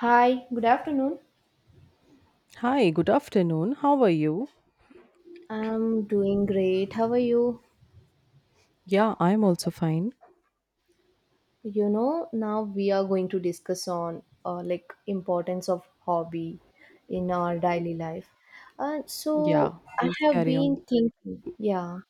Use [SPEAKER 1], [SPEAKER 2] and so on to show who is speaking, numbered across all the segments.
[SPEAKER 1] Hi, good afternoon.
[SPEAKER 2] Hi, good afternoon. How are you?
[SPEAKER 1] I'm doing great. How are you?
[SPEAKER 2] Yeah, I'm also fine.
[SPEAKER 1] You know, now we are going to discuss on like importance of hobby in our daily life. Uh,
[SPEAKER 2] Yeah,
[SPEAKER 1] so I
[SPEAKER 2] please
[SPEAKER 1] have
[SPEAKER 2] carry on.
[SPEAKER 1] been thinking, yeah,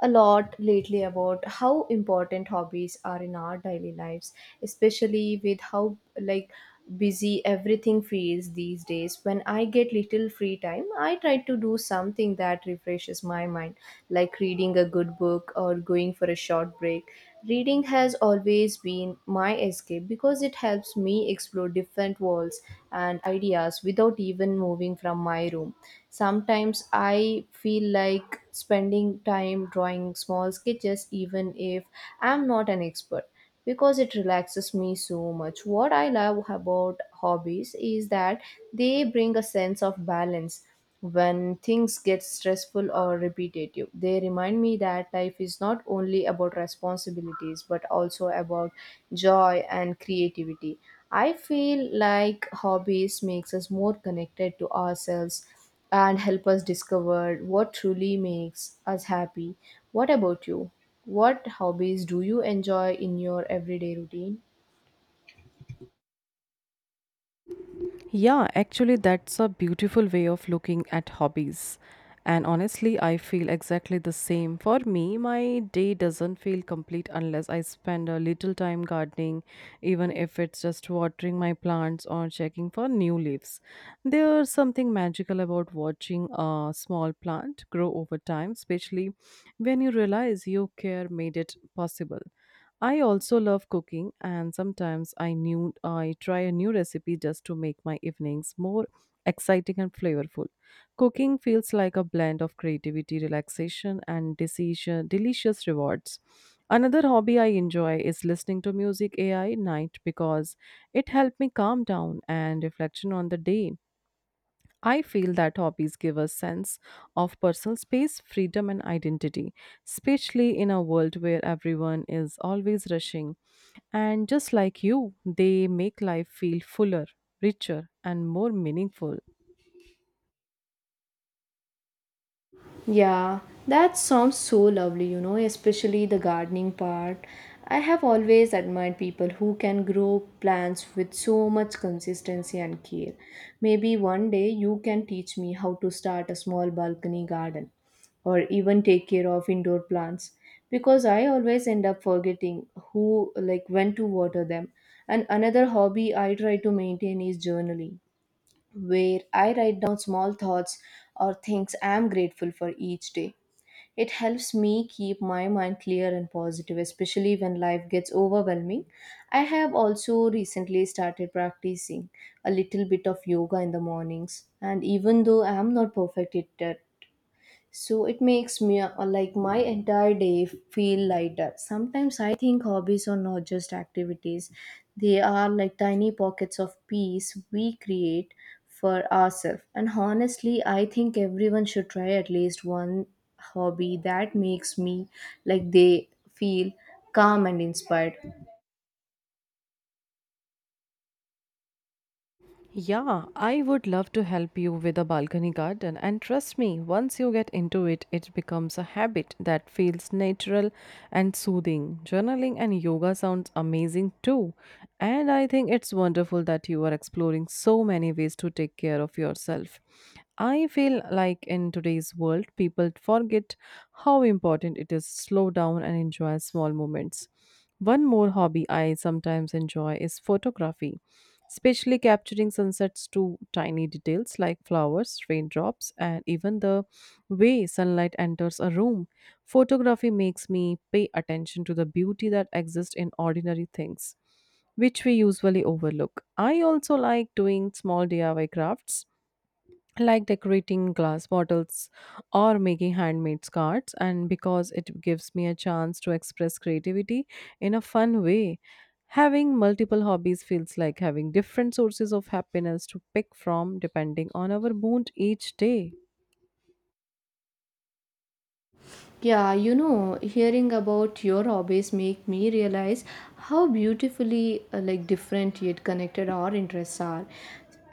[SPEAKER 1] a lot lately about how important hobbies are in our daily lives, especially with how like busy everything feels these days. When I get little free time, I try to do something that refreshes my mind, like reading a good book or going for a short break. Reading has always been my escape because it helps me explore different worlds and ideas without even moving from my room. Sometimes I feel like spending time drawing small sketches, even if I'm not an expert because it relaxes me so much. What I love about hobbies is that they bring a sense of balance. When things get stressful or repetitive, they remind me that life is not only about responsibilities but also about joy and creativity. I feel like hobbies makes us more connected to ourselves and help us discover what truly makes us happy. What about you? What hobbies do you enjoy in your everyday routine?
[SPEAKER 2] Yeah, actually, that's a beautiful way of looking at hobbies. And honestly, I feel exactly the same. For me, my day doesn't feel complete unless I spend a little time gardening, even if it's just watering my plants or checking for new leaves. There's something magical about watching a small plant grow over time, especially when you realize your care made it possible. I also love cooking, and sometimes I knew I try a new recipe just to make my evenings more exciting and flavorful. Cooking feels like a blend of creativity, relaxation, and decision, delicious rewards. Another hobby I enjoy is listening to music AI night because it helped me calm down and reflection on the day. I feel that hobbies give us sense of personal space, freedom and identity, especially in a world where everyone is always rushing. And just like you, they make life feel fuller, richer and more meaningful.
[SPEAKER 1] Yeah, that sounds so lovely, you know, especially the gardening part. I have always admired people who can grow plants with so much consistency and care. Maybe one day you can teach me how to start a small balcony garden or even take care of indoor plants because I always end up forgetting who like when to water them. And another hobby I try to maintain is journaling where I write down small thoughts or things I am grateful for each day. It helps me keep my mind clear and positive, especially when life gets overwhelming. I have also recently started practicing a little bit of yoga in the mornings, and even though I am not perfect at it, so it makes me like my entire day feel lighter. Sometimes I think hobbies are not just activities, they are like tiny pockets of peace we create for ourselves. And honestly, I think everyone should try at least one hobby that makes me like they feel calm and inspired.
[SPEAKER 2] Yeah, I would love to help you with a balcony garden. And trust me, once you get into it, it becomes a habit that feels natural and soothing. Journaling and yoga sounds amazing too. And I think it's wonderful that you are exploring so many ways to take care of yourself. I feel like in today's world, people forget how important it is to slow down and enjoy small moments. One more hobby I sometimes enjoy is photography, especially capturing sunsets to tiny details like flowers, raindrops, and even the way sunlight enters a room. Photography makes me pay attention to the beauty that exists in ordinary things, which we usually overlook. I also like doing small DIY crafts like decorating glass bottles or making handmade cards, and because it gives me a chance to express creativity in a fun way, having multiple hobbies feels like having different sources of happiness to pick from depending on our mood each day.
[SPEAKER 1] Yeah, you know, hearing about your hobbies make me realize how beautifully like different yet connected our interests are.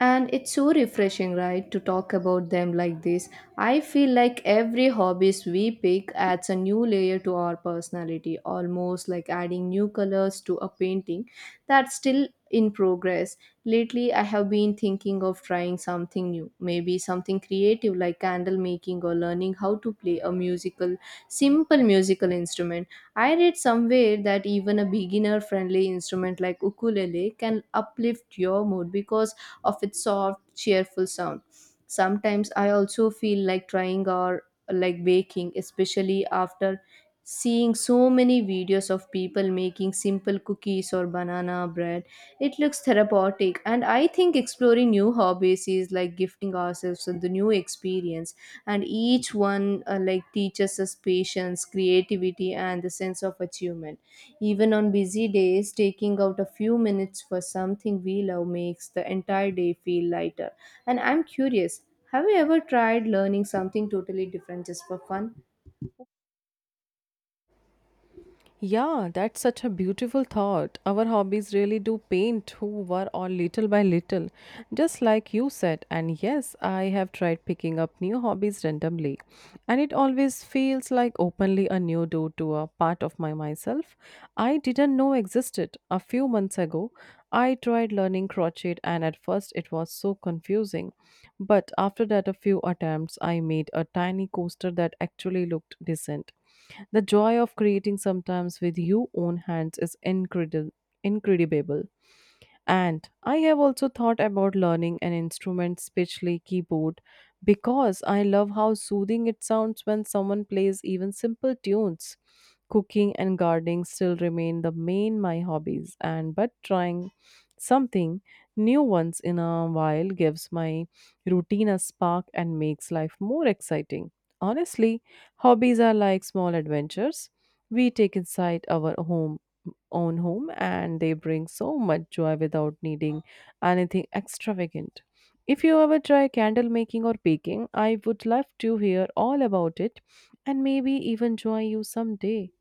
[SPEAKER 1] And it's so refreshing, right, to talk about them like this. I feel like every hobbies we pick adds a new layer to our personality, almost like adding new colors to a painting that's still in progress. Lately, I have been thinking of trying something new, maybe something creative like candle making or learning how to play a musical simple musical instrument. I read somewhere that even a beginner friendly instrument like ukulele can uplift your mood because of its soft, cheerful sound. Sometimes I also feel like trying or like baking, especially after seeing so many videos of people making simple cookies or banana bread. It looks therapeutic, and I think exploring new hobbies is like gifting ourselves with the new experience, and each one like teaches us patience, creativity and the sense of achievement. Even on busy days, taking out a few minutes for something we love makes the entire day feel lighter. And I'm curious, have you ever tried learning something totally different just for fun?
[SPEAKER 2] Yeah, that's such a beautiful thought. Our hobbies really do paint who we are or little by little, just like you said. And yes, I have tried picking up new hobbies randomly, and it always feels like openly a new door to a part of my myself I didn't know existed. A few months ago, I tried learning crochet, and at first it was so confusing. But after that, a few attempts, I made a tiny coaster that actually looked decent. The joy of creating sometimes with your own hands is incredible. Incredible. And I have also thought about learning an instrument, especially keyboard, because I love how soothing it sounds when someone plays even simple tunes. Cooking and gardening still remain the main my hobbies, and but trying something new once in a while gives my routine a spark and makes life more exciting. Honestly, hobbies are like small adventures we take inside our home own home, and they bring so much joy without needing anything extravagant. If you ever try candle making or baking, I would love to hear all about it and maybe even join you someday.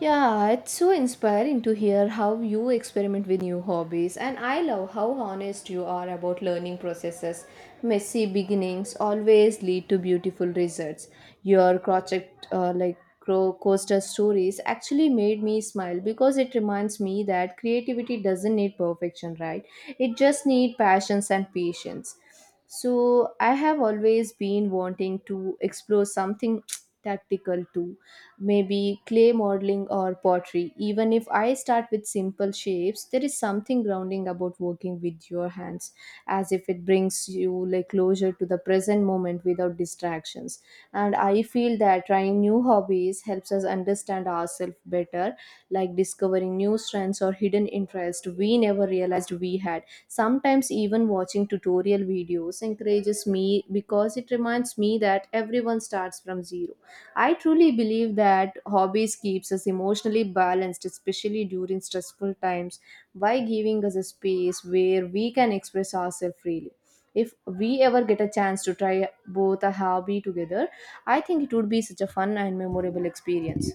[SPEAKER 1] Yeah, it's so inspiring to hear how you experiment with new hobbies and I love how honest you are about learning processes. Messy beginnings always lead to beautiful results. Your project like coaster stories actually made me smile because it reminds me that creativity doesn't need perfection, right? It just needs passions and patience. So I have always been wanting to explore something tactical too, maybe clay modeling or pottery. Even if I start with simple shapes, there is something grounding about working with your hands, as if it brings you like closure to the present moment without distractions. And I feel that trying new hobbies helps us understand ourselves better, like discovering new strengths or hidden interests we never realized we had. Sometimes even watching tutorial videos encourages me because it reminds me that everyone starts from zero. I truly believe that hobbies keeps us emotionally balanced, especially during stressful times, by giving us a space where we can express ourselves freely. If we ever get a chance to try both a hobby together, I think it would be such a fun and memorable experience.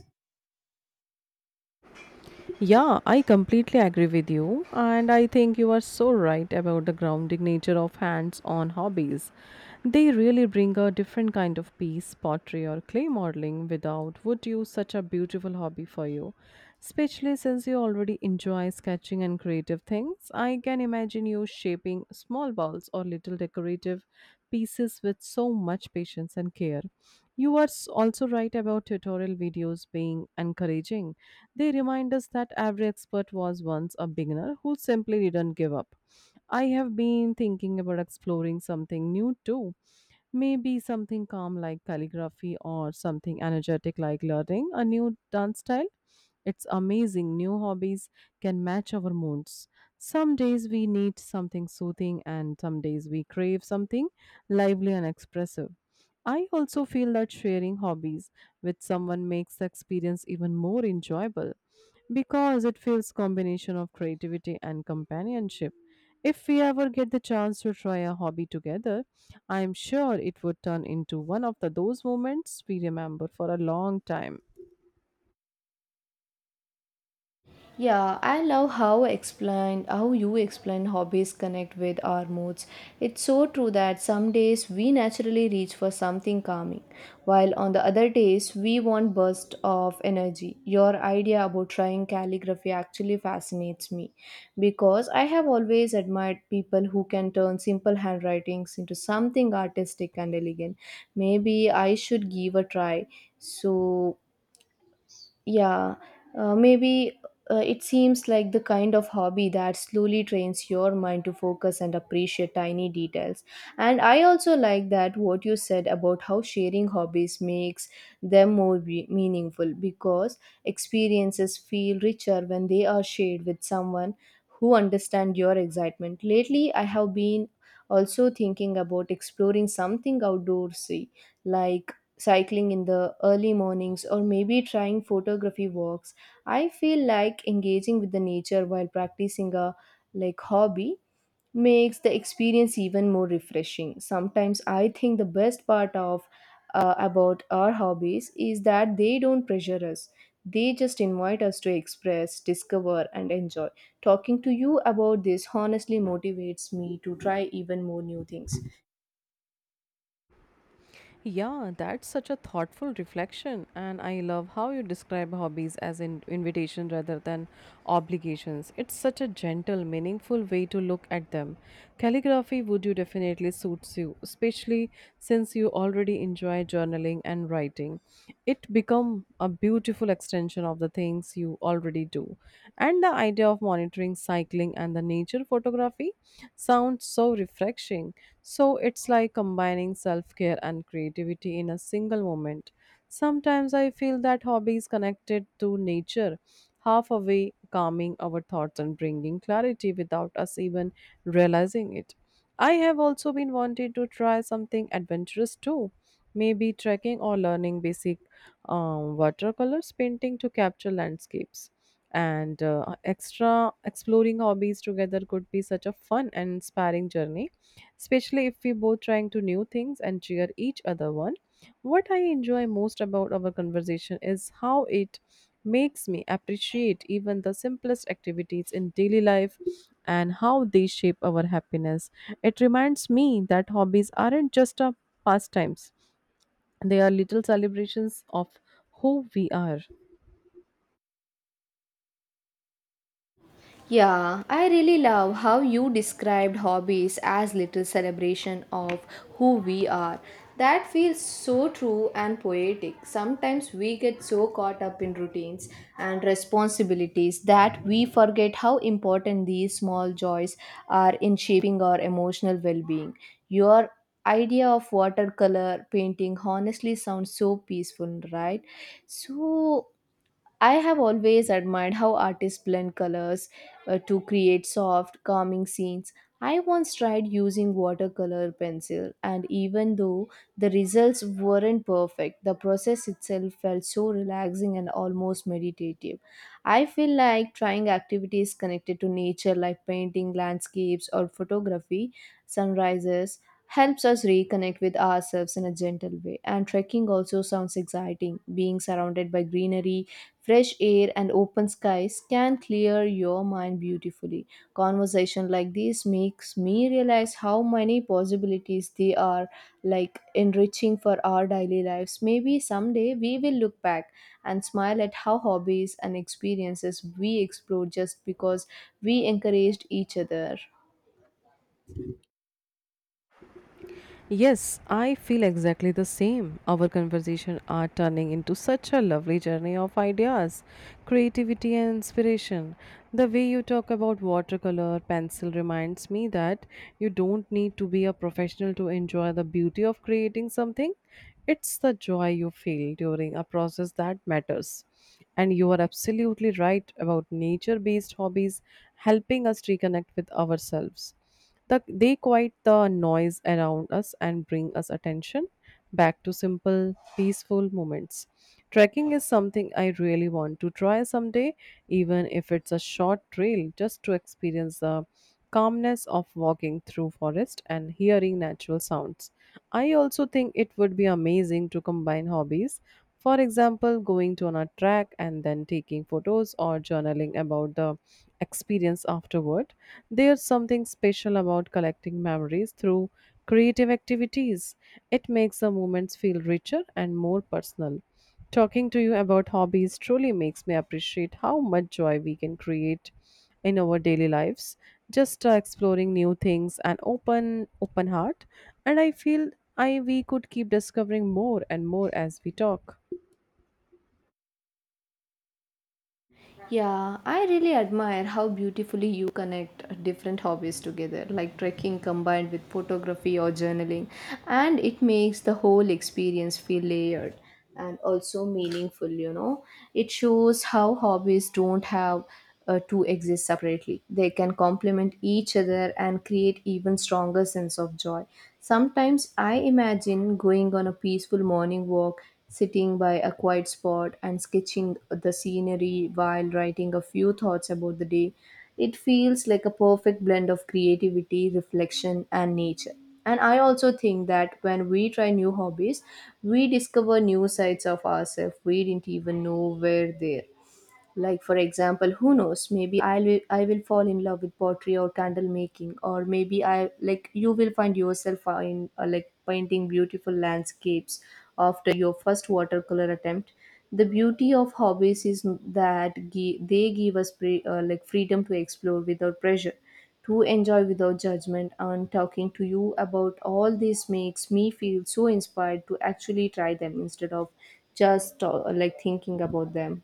[SPEAKER 2] Yeah, I completely agree with you, and I think you are so right about the grounding nature of hands on hobbies. They really bring a different kind of peace. Pottery or clay modeling without would you such a beautiful hobby for you. Especially since you already enjoy sketching and creative things, I can imagine you shaping small balls or little decorative pieces with so much patience and care. You are also right about tutorial videos being encouraging. They remind us that every expert was once a beginner who simply didn't give up. I have been thinking about exploring something new too. Maybe something calm like calligraphy or something energetic like learning a new dance style. It's amazing new hobbies can match our moods. Some days we need something soothing, and some days we crave something lively and expressive. I also feel that sharing hobbies with someone makes the experience even more enjoyable because it feels combination of creativity and companionship. If we ever get the chance to try a hobby together, I am sure it would turn into one of those moments we remember for a long time.
[SPEAKER 1] Yeah, I love how explain how you explain hobbies connect with our moods. It's so true that some days we naturally reach for something calming, while on the other days we want burst of energy. Your idea about trying calligraphy actually fascinates me because I have always admired people who can turn simple handwritings into something artistic and elegant. Maybe I should give a try. So yeah, maybe it seems like the kind of hobby that slowly trains your mind to focus and appreciate tiny details. And I also like that what you said about how sharing hobbies makes them more meaningful because experiences feel richer when they are shared with someone who understand your excitement. Lately, I have been also thinking about exploring something outdoorsy like cycling in the early mornings or maybe trying photography walks. I feel like engaging with the nature while practicing a like hobby makes the experience even more refreshing. Sometimes I think the best part of about our hobbies is that they don't pressure us, they just invite us to express, discover and enjoy. Talking to you about this honestly motivates me to try even more new things.
[SPEAKER 2] Yeah, that's such a thoughtful reflection, and I love how you describe hobbies as an invitation rather than obligations. It's such a gentle, meaningful way to look at them. Calligraphy would you definitely suits you, especially since you already enjoy journaling and writing. It become a beautiful extension of the things you already do. And the idea of monitoring cycling and the nature photography sounds so refreshing. So it's like combining self care and creativity in a single moment. Sometimes I feel that hobbies connected to nature, half away calming our thoughts and bringing clarity without us even realizing it. I have also been wanting to try something adventurous too, maybe trekking or learning basic watercolors painting to capture landscapes, and extra exploring hobbies together could be such a fun and inspiring journey, especially if we both trying to new things and cheer each other on. What I enjoy most about our conversation is how it makes me appreciate even the simplest activities in daily life and how they shape our happiness. It reminds me that hobbies aren't just a pastimes, they are little celebrations of who we are.
[SPEAKER 1] Yeah, I really love how you described hobbies as little celebration of who we are. That feels so true and poetic. Sometimes we get so caught up in routines and responsibilities that we forget how important these small joys are in shaping our emotional well being. Your idea of watercolor painting honestly sounds so peaceful, right? So, I have always admired how artists blend colors to create soft, calming scenes. I once tried using watercolor pencil, and even though the results weren't perfect, the process itself felt so relaxing and almost meditative. I feel like trying activities connected to nature, like painting landscapes or photography, sunrises, helps us reconnect with ourselves in a gentle way. And trekking also sounds exciting, being surrounded by greenery, fresh air and open skies can clear your mind beautifully. Conversation like this makes me realize how many possibilities they are, like enriching for our daily lives. Maybe someday we will look back and smile at how hobbies and experiences we explore just because we encouraged each other.
[SPEAKER 2] Yes, I feel exactly the same. Our conversation are turning into such a lovely journey of ideas, creativity and inspiration. The way you talk about watercolor pencil reminds me that you don't need to be a professional to enjoy the beauty of creating something. It's the joy you feel during a process that matters. And you are absolutely right about nature based hobbies helping us reconnect with ourselves. They quiet the noise around us and bring us attention back to simple, peaceful moments. Trekking is something I really want to try someday, even if it's a short trail, just to experience the calmness of walking through forest and hearing natural sounds. I also think it would be amazing to combine hobbies, for example, going to on a track and then taking photos or journaling about the experience afterward. There's something special about collecting memories through creative activities. It makes the moments feel richer and more personal. Talking to you about hobbies truly makes me appreciate how much joy we can create in our daily lives just exploring new things and open heart. And I feel I we could keep discovering more and more as we talk.
[SPEAKER 1] Yeah, I really admire how beautifully you connect different hobbies together, like trekking combined with photography or journaling, and it makes the whole experience feel layered and also meaningful, you know. It shows how hobbies don't have to exist separately. They can complement each other and create even stronger sense of joy. Sometimes I imagine going on a peaceful morning walk, sitting by a quiet spot and sketching the scenery while writing a few thoughts about the day. It feels like a perfect blend of creativity, reflection and nature. And I also think that when we try new hobbies, we discover new sides of ourselves we didn't even know were there. Like, for example, who knows? Maybe I will fall in love with pottery or candle making, or maybe I like you will find yourself in like painting beautiful landscapes after your first watercolor attempt. The beauty of hobbies is that they give us like freedom to explore without pressure, to enjoy without judgment. And talking to you about all this makes me feel so inspired to actually try them instead of just like thinking about them.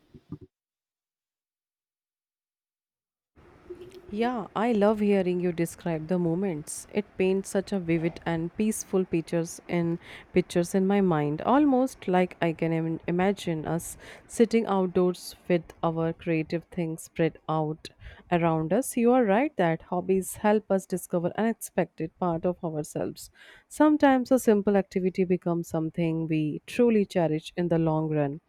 [SPEAKER 2] Yeah, I love hearing you describe the moments. It paints such a vivid and peaceful pictures in my mind, almost like I can imagine us sitting outdoors with our creative things spread out around us. You are right that hobbies help us discover unexpected part of ourselves. Sometimes a simple activity becomes something we truly cherish in the long run.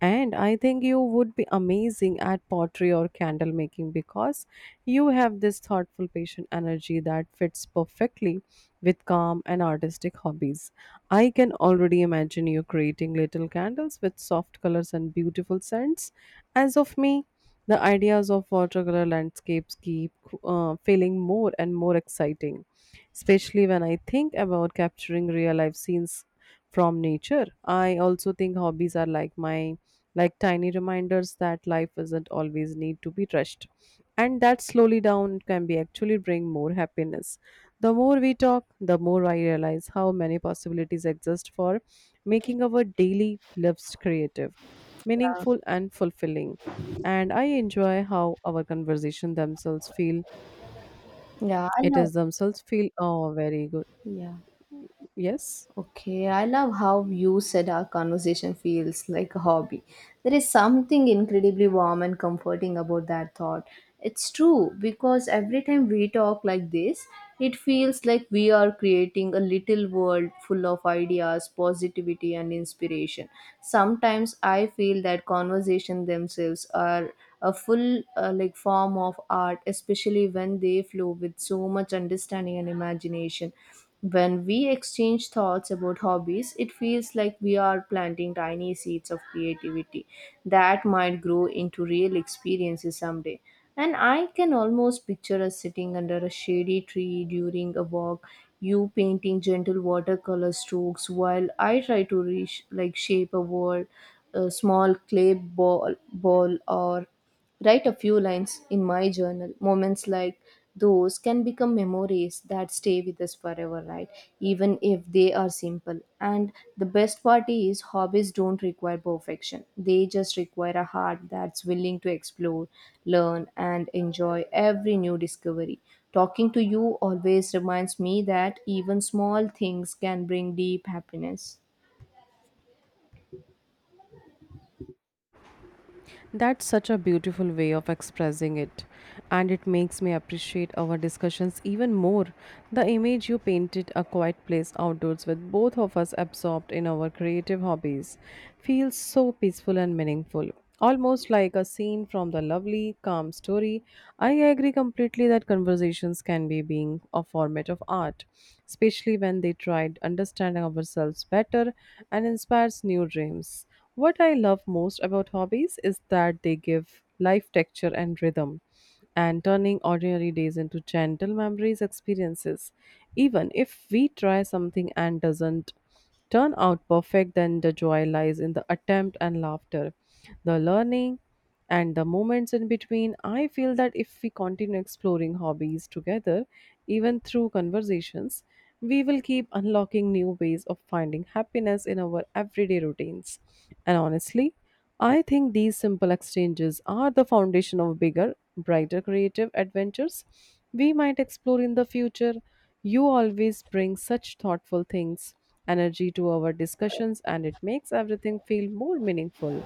[SPEAKER 2] And I think you would be amazing at pottery or candle making because you have this thoughtful, patient energy that fits perfectly with calm and artistic hobbies. I can already imagine you creating little candles with soft colors and beautiful scents. As of me, the ideas of watercolor landscapes keep feeling more and more exciting, especially when I think about capturing real life scenes from nature. I also think hobbies are like my like tiny reminders that life doesn't always need to be rushed. And that slowly down can be actually bring more happiness. The more we talk, the more I realize how many possibilities exist for making our daily lives creative, meaningful and fulfilling. And I enjoy how our conversation themselves feel
[SPEAKER 1] Yeah, I
[SPEAKER 2] it
[SPEAKER 1] love.
[SPEAKER 2] is themselves feel oh very good.
[SPEAKER 1] Yeah.
[SPEAKER 2] Yes.
[SPEAKER 1] Okay. I love how you said our conversation feels like a hobby. There is something incredibly warm and comforting about that thought. It's true because every time we talk like this, it feels like we are creating a little world full of ideas, positivity, and inspiration. Sometimes I feel that conversation themselves are a full like form of art, especially when they flow with so much understanding and imagination. When we exchange thoughts about hobbies, it feels like we are planting tiny seeds of creativity that might grow into real experiences someday. And I can almost picture us sitting under a shady tree during a walk, you painting gentle watercolor strokes while I try to reach like shape a world, a small clay ball or write a few lines in my journal. Moments like those can become memories that stay with us forever, right? Even if they are simple. And the best part is, hobbies don't require perfection, they just require a heart that's willing to explore, learn, and enjoy every new discovery. Talking to you always reminds me that even small things can bring deep happiness.
[SPEAKER 2] That's such a beautiful way of expressing it, and it makes me appreciate our discussions even more. The image you painted a quiet place outdoors with both of us absorbed in our creative hobbies feels so peaceful and meaningful. Almost like a scene from the lovely, calm story. I agree completely that conversations can be being a format of art, especially when they try to understand ourselves better and inspires new dreams. What I love most about hobbies is that they give life texture and rhythm, and turning ordinary days into gentle memories experiences. Even if we try something and doesn't turn out perfect, then the joy lies in the attempt and laughter, the learning, and the moments in between. I feel that if we continue exploring hobbies together, even through conversations, we will keep unlocking new ways of finding happiness in our everyday routines. And honestly, I think these simple exchanges are the foundation of bigger, brighter creative adventures we might explore in the future. You always bring such thoughtful things energy to our discussions, and it makes everything feel more meaningful.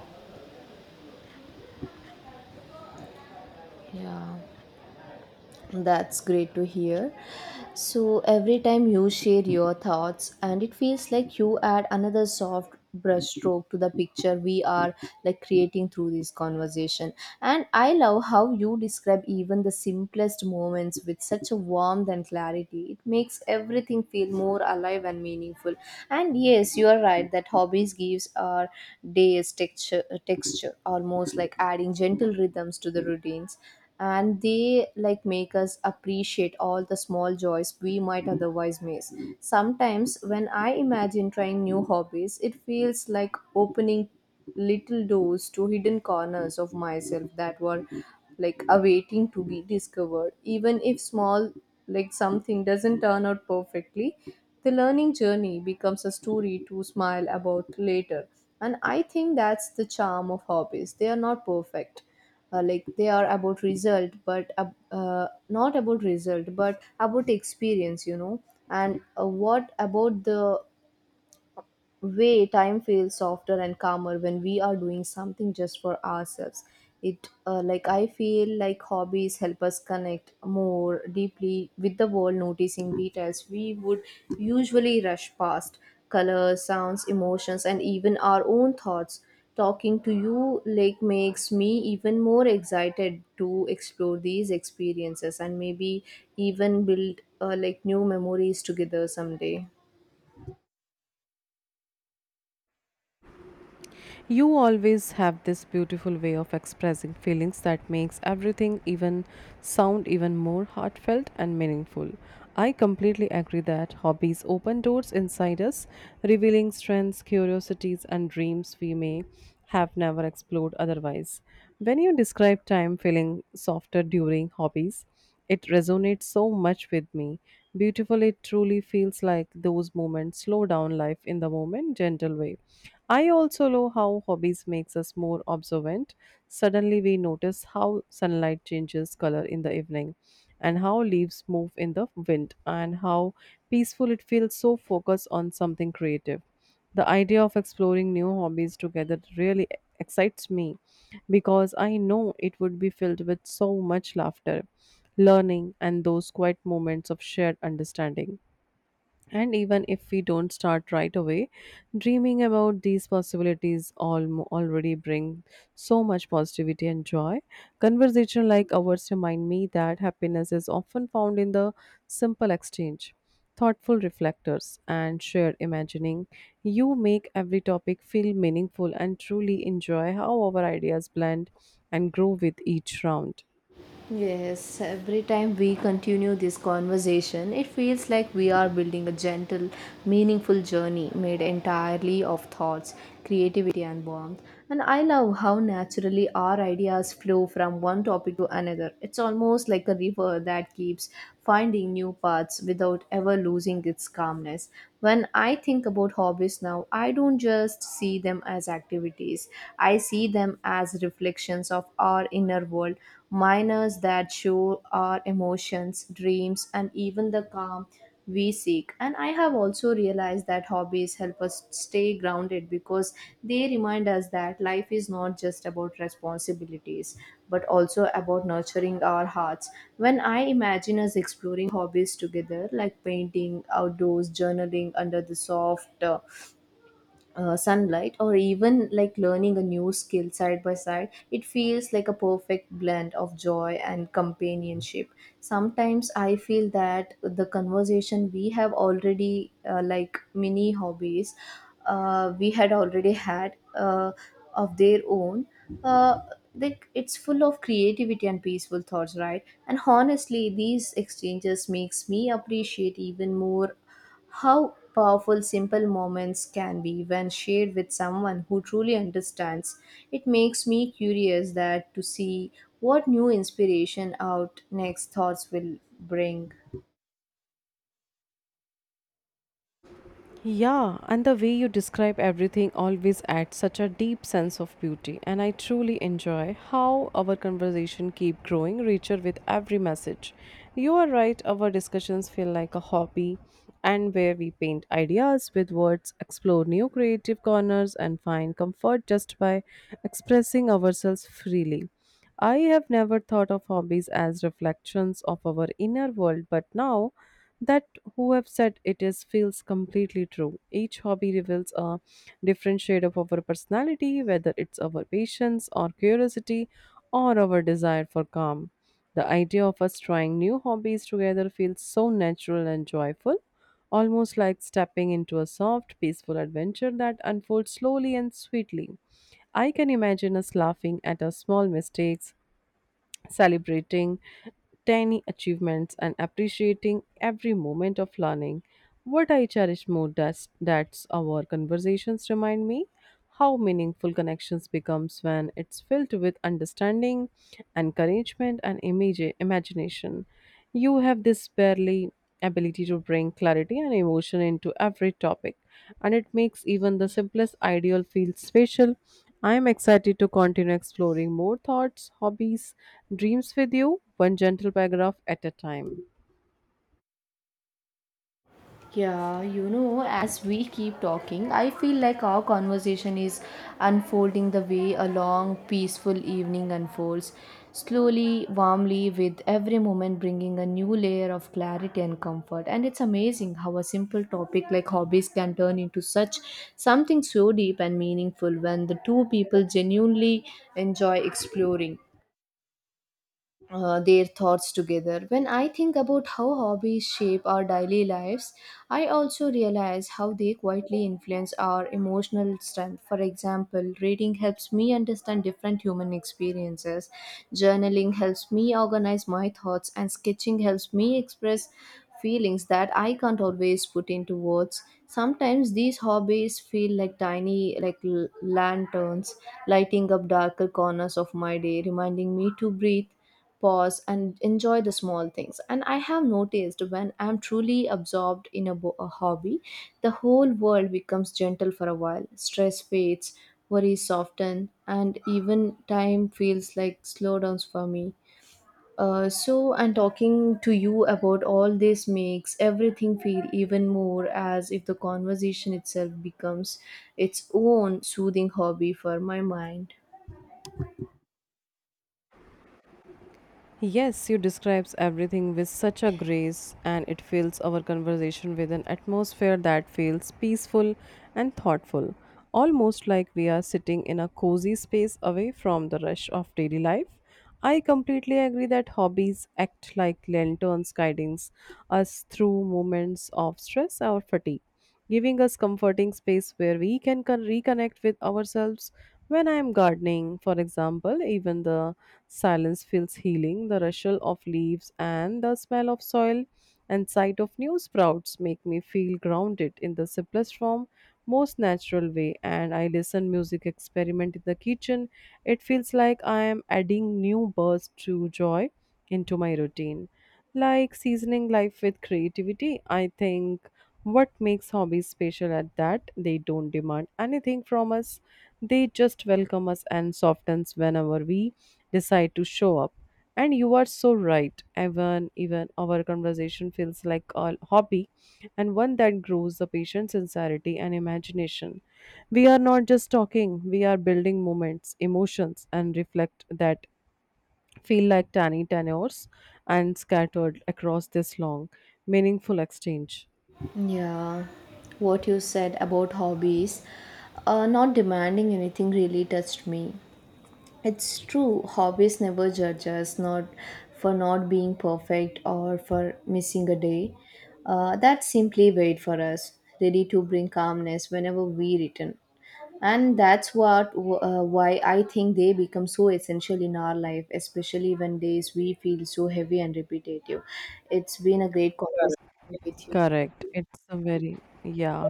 [SPEAKER 1] Yeah. That's great to hear. So every time you share your thoughts, and it feels like you add another soft brushstroke to the picture we are like creating through this conversation. And I love how you describe even the simplest moments with such a warmth and clarity. It makes everything feel more alive and meaningful. And yes, you are right that hobbies gives our days texture, texture, almost like adding gentle rhythms to the routines, and they like make us appreciate all the small joys we might otherwise miss. Sometimes when I imagine trying new hobbies, it feels like opening little doors to hidden corners of myself that were like awaiting to be discovered. Even if small, like something doesn't turn out perfectly, the learning journey becomes a story to smile about later. And I think that's the charm of hobbies. They are not perfect. Like they are about result, but not about result but about experience, you know. And what about the way time feels softer and calmer when we are doing something just for ourselves? It like, I feel like hobbies help us connect more deeply with the world, noticing details we would usually rush past. Colors, sounds, emotions, and even our own thoughts. Talking to you like makes me even more excited to explore these experiences and maybe even build like new memories together someday.
[SPEAKER 2] You always have this beautiful way of expressing feelings that makes everything even sound even more heartfelt and meaningful. I completely agree that hobbies open doors inside us, revealing strengths, curiosities, and dreams we may have never explored otherwise. When you describe time feeling softer during hobbies, it resonates so much with me. Beautiful, it truly feels like those moments slow down life in the moment, gentle way. I also love how hobbies makes us more observant. Suddenly we notice how sunlight changes color in the evening and how leaves move in the wind and how peaceful it feels so focused on something creative. The idea of exploring new hobbies together really excites me because I know it would be filled with so much laughter learning, and those quiet moments of shared understanding. And even if we don't start right away, dreaming about these possibilities all already bring so much positivity and joy. Conversation like ours remind me that happiness is often found in the simple exchange, thoughtful reflectors, and shared imagining. You make every topic feel meaningful and truly enjoy how our ideas blend and grow with each round.
[SPEAKER 1] Yes, every time we continue this conversation, it feels like we are building a gentle, meaningful journey made entirely of thoughts, creativity, and warmth. And I love how naturally our ideas flow from one topic to another. It's almost like a river that keeps finding new paths without ever losing its calmness. When I think about hobbies now, I don't just see them as activities, I see them as reflections of our inner world. Miners that show our emotions, dreams, and even the calm we seek. And I have also realized that hobbies help us stay grounded because they remind us that life is not just about responsibilities but also about nurturing our hearts. When I imagine us exploring hobbies together, like painting, outdoors, journaling under the soft, sunlight, or even like learning a new skill side by side, it feels like a perfect blend of joy and companionship. Sometimes I feel that the conversation we have already like mini hobbies, we had already had of their own, uh, like it's full of creativity and peaceful thoughts, right? And honestly, these exchanges makes me appreciate even more how powerful simple moments can be when shared with someone who truly understands. It makes me curious that to see what new inspiration out next thoughts will bring.
[SPEAKER 2] Yeah, and the way you describe everything always adds such a deep sense of beauty, and I truly enjoy how our conversation keep growing richer with every message. You are right, our discussions feel like a hobby and where we paint ideas with words, explore new creative corners and find comfort just by expressing ourselves freely. I have never thought of hobbies as reflections of our inner world, but now that who have said it is feels completely true. Each hobby reveals a different shade of our personality, whether it's our patience or curiosity or our desire for calm. The idea of us trying new hobbies together feels so natural and joyful, almost like stepping into a soft, peaceful adventure that unfolds slowly and sweetly. I can imagine us laughing at our small mistakes, celebrating tiny achievements and appreciating every moment of learning. What I cherish more that's our conversations remind me how meaningful connections becomes when it's filled with understanding, encouragement, and imagination. You have this barely ability to bring clarity and emotion into every topic, and it makes even the simplest ideal feel special. I am excited to continue exploring more thoughts, hobbies, dreams with you, one gentle paragraph at a time.
[SPEAKER 1] Yeah, you know, as we keep talking, I feel like our conversation is unfolding the way a long, peaceful evening unfolds, slowly, warmly, with every moment bringing a new layer of clarity and comfort. And it's amazing how a simple topic like hobbies can turn into such something so deep and meaningful when the two people genuinely enjoy exploring their thoughts together. When I think about how hobbies shape our daily lives, I also realize how they quietly influence our emotional strength. For example, reading helps me understand different human experiences, journaling helps me organize my thoughts, and sketching helps me express feelings that I can't always put into words. Sometimes these hobbies feel like tiny, like, lanterns lighting up darker corners of my day, reminding me to breathe, pause, and enjoy the small things. And I have noticed when I'm truly absorbed in a hobby, the whole world becomes gentle for a while. Stress fades, worries soften, and even time feels like slowdowns for me. So and talking to you about all this makes everything feel even more, as if the conversation itself becomes its own soothing hobby for my mind.
[SPEAKER 2] Yes, you describes everything with such a grace and it fills our conversation with an atmosphere that feels peaceful and thoughtful, almost like we are sitting in a cozy space away from the rush of daily life. I completely agree that hobbies act like lanterns guiding us through moments of stress or fatigue, giving us comforting space where we can reconnect with ourselves. When I am gardening, for example, even the silence feels healing. The rustle of leaves and the smell of soil and sight of new sprouts make me feel grounded in the simplest form, most natural way. And I listen music experiment in the kitchen. It feels like I am adding new bursts to joy into my routine like seasoning life with creativity. I think what makes hobbies special at that they don't demand anything from us. They just welcome us and softens whenever we decide to show up. And you are so right. Even our conversation feels like a hobby and one that grows the patient's sincerity and imagination. We are not just talking, we are building moments, emotions, and reflect that feel like tiny tenors and scattered across this long, meaningful exchange.
[SPEAKER 1] Yeah, what you said about hobbies, not demanding anything, really touched me. It's true, hobbies never judge us, not for not being perfect or for missing a day. That simply wait for us, ready to bring calmness whenever we return. And that's what why I think they become so essential in our life, especially when days we feel so heavy and repetitive. It's been a great conversation with you.
[SPEAKER 2] Correct. It's a very, yeah,